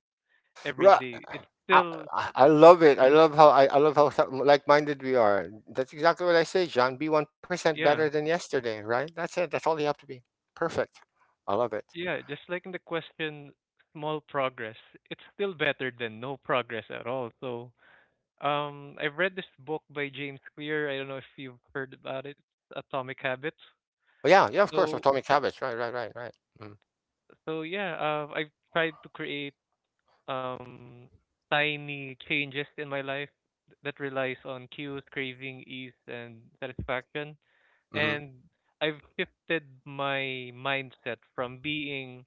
every Right. day. It's I, still. I love it. I love how like-minded we are. That's exactly what I say, John. Be 1% better Yeah, than yesterday, right? That's it. That's all you have to be. Perfect. I love it. yeah. Just like in the question, small progress. It's still better than no progress at all. So I've read this book by James Clear. I don't know if you've heard about it, Atomic Habits. Well, yeah, yeah, of course. So Atomic habits. Right, right, right, right. Mm-hmm. So I've tried to create um tiny changes in my life that relies on cues, craving, ease, and satisfaction. Mm-hmm. And I've shifted my mindset from being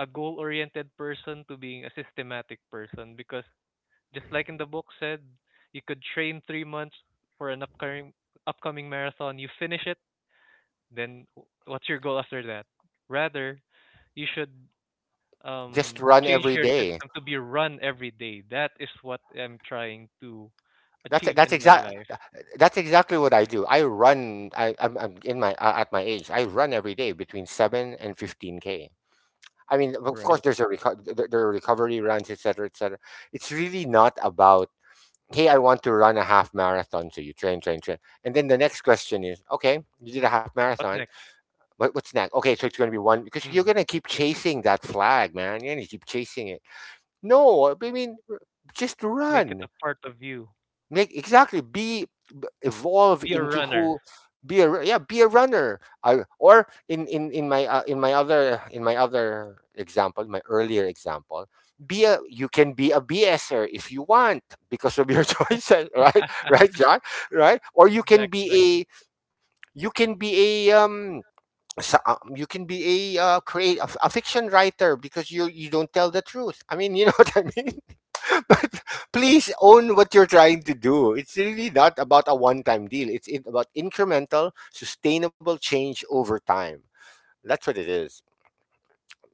a goal-oriented person to being a systematic person because, just like in the book said, you could train 3 months for an upcoming marathon. You finish it, then what's your goal after that? Rather, you should Just run change every your day. system to be run every day. That is what I'm trying to That's it. achieve That's in my exact. life. That's exactly what I do. I run. I'm in my at my age. I run every day between 7 and 15 k. I mean, of course, Right. there's a there are recovery runs, etc., etc. It's really not about, hey, I want to run a half marathon. So you train, train, train, and then the next question is, okay, you did a half What marathon. next? What's next? Okay, so it's going to be one, because you're Mm. going to keep chasing that flag, man. You're going to keep chasing it. No, I mean, just Make it run. a part of you. Make exactly be b- evolve Be a into runner. who, yeah, be a runner. Or in my other, in my other example, my earlier example, be a you can be a bser if you want because of your choices, right? Right, John? Right, or you can Exactly, exactly, be a, you can be a, um, so, you can be a, create a fiction writer because you don't tell the truth. I mean, you know, what I mean. But please own what you're trying to do. It's really not about a one time deal, about incremental, sustainable change over time. That's what it is.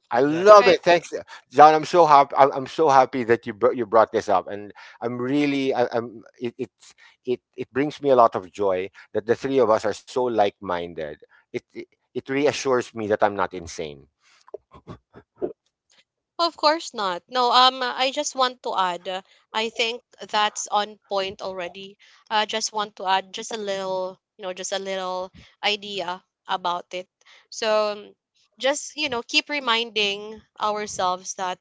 I love Right. exactly. it. Thanks, John. I'm so happy. I'm so happy that you brought this up, and I'm really I'm, it it brings me a lot of joy that the three of us are so like minded. It, it it reassures me that I'm not insane. Of course not. No, I just want to add, I think that's on point already. I just want to add just a little, you know, just a little idea about it. So just, you know, keep reminding ourselves that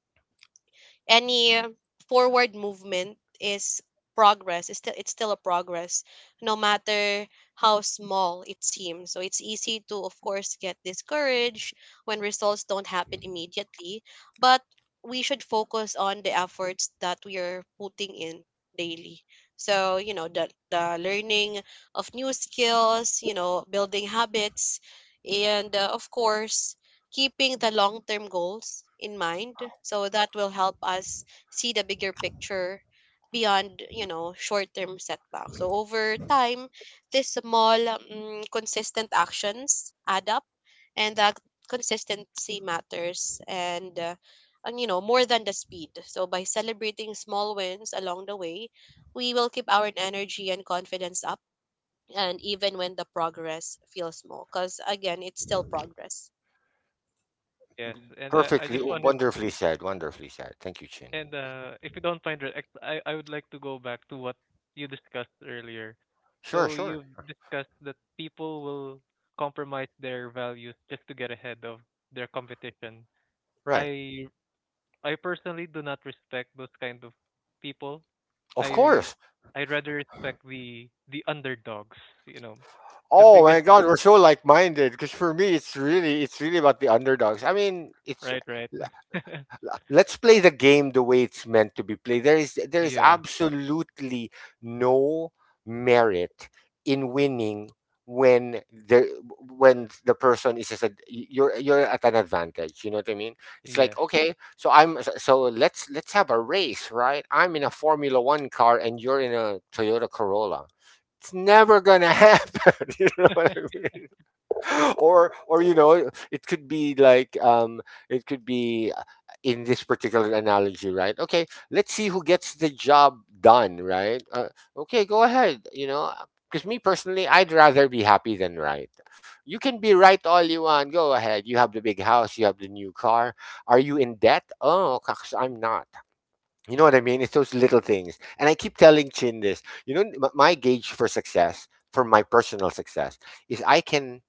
any forward movement is progress. It's still, it's still a progress, no matter how small it seems. So it's easy to of course get discouraged when results don't happen immediately, but we should focus on the efforts that we are putting in daily. So, you know, the learning of new skills, you know, building habits, and of course, keeping the long term goals in mind. So that will help us see the bigger picture beyond, you know, short term setbacks. So over time, these small, consistent actions add up, and that consistency matters. And you know, more than the speed. So by celebrating small wins along the way, we will keep our energy and confidence up, and even when the progress feels small, because again, it's still progress. Yes, and I Perfectly, just wanted, wonderfully said, wonderfully said. Thank you, Chin. and if you don't mind, Red, I would like to go back to what you discussed earlier. Sure, So sure. you've discussed that people will compromise their values just to get ahead of their competition. Right. I I personally do not respect those kind of people. Of I re- course. I rather respect the underdogs, you know, the Oh my biggest. God, we're so like-minded, because for me, it's really about the underdogs. I mean, Right, right. Let's play the game the way it's meant to be played. There is Yeah. absolutely no merit in winning when there when the person is just a, you're at an advantage. You know what I mean? It's like, Yes. okay, so I'm so so let's have a race, right? I'm in a Formula One car and you're in a Toyota Corolla. It's never gonna happen. You know what I mean? Or, you know, it could be like, um, it could be, in this particular analogy, right? Okay, let's see who gets the job done, right? Okay, go ahead, you know. Because me personally, I'd rather be happy than right. You can be right all you want, go ahead. You have the big house, you have the new car. Are you in debt? Oh gosh, I'm not. You know what I mean? It's those little things, and I keep telling Chin this, you know, my gauge for success, for my personal success, is I can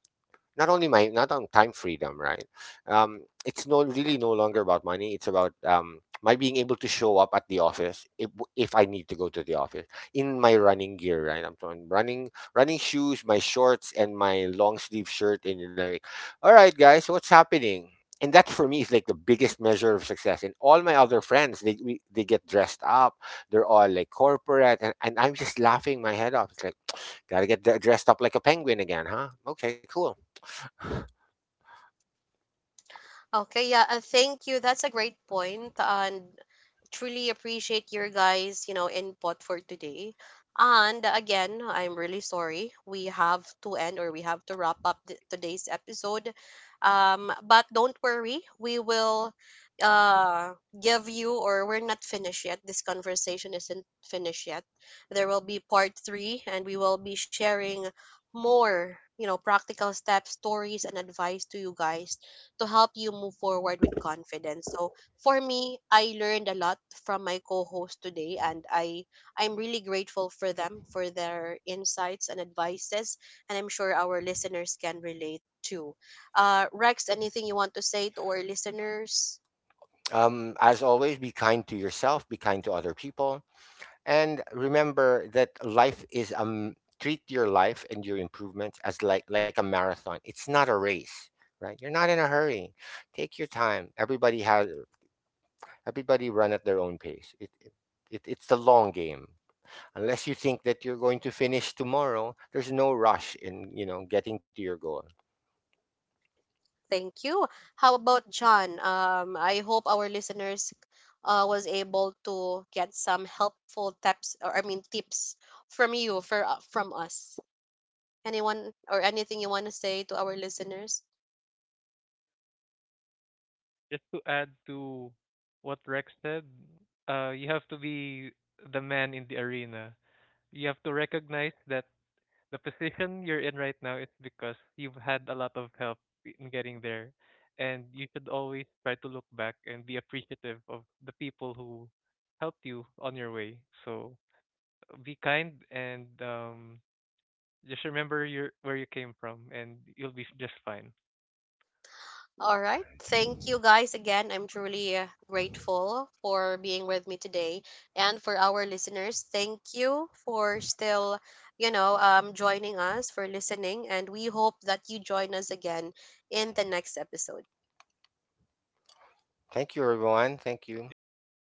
not only my not on time freedom, right? Um, it's no, really no longer about money. It's about, um, my being able to show up at the office if I need to go to the office in my running gear, right? I'm talking running, running shoes, my shorts and my long sleeve shirt, and you're like, all right guys, what's happening? And that for me is like the biggest measure of success. And all my other friends, they get dressed up, they're all like corporate, and I'm just laughing my head off. It's like, gotta get dressed up like a penguin again, huh? Okay, cool. Okay, yeah, thank you. That's a great point, and truly appreciate your guys, you know, input for today. And again, I'm really sorry, we have to end, or we have to wrap up today's episode. But don't worry, we will uh give you, or we're not finished yet. This conversation isn't finished yet. There will be part three, and we will be sharing more, you know, practical steps, stories, and advice to you guys to help you move forward with confidence. So for me, I learned a lot from my co-host today, and I'm really grateful for them, for their insights and advices, and I'm sure our listeners can relate too. Uh, Rex, anything you want to say to our listeners? As always, be kind to yourself, be kind to other people, and remember that life is, um, treat your life and your improvements as like a marathon. It's not a race, right? You're not in a hurry. Take your time. Everybody run at their own pace. It's the long game. Unless you think that you're going to finish tomorrow, there's no rush in, you know, getting to your goal. Thank you. How about John? Um, I hope our listeners, was able to get some helpful tips, or I mean tips from you for, from us. Anyone, or anything you want to say to our listeners? Just to add to what Rex said, you have to be the man in the arena. You have to recognize that the position you're in right now is because you've had a lot of help in getting there, and you should always try to look back and be appreciative of the people who helped you on your way. So be kind, and just remember your where you came from, and you'll be just fine. All right. Thank you guys again. I'm truly grateful for being with me today. And for our listeners, thank you for still, you know, joining us, for listening. And we hope that you join us again in the next episode. Thank you, everyone. Thank you. Thank you.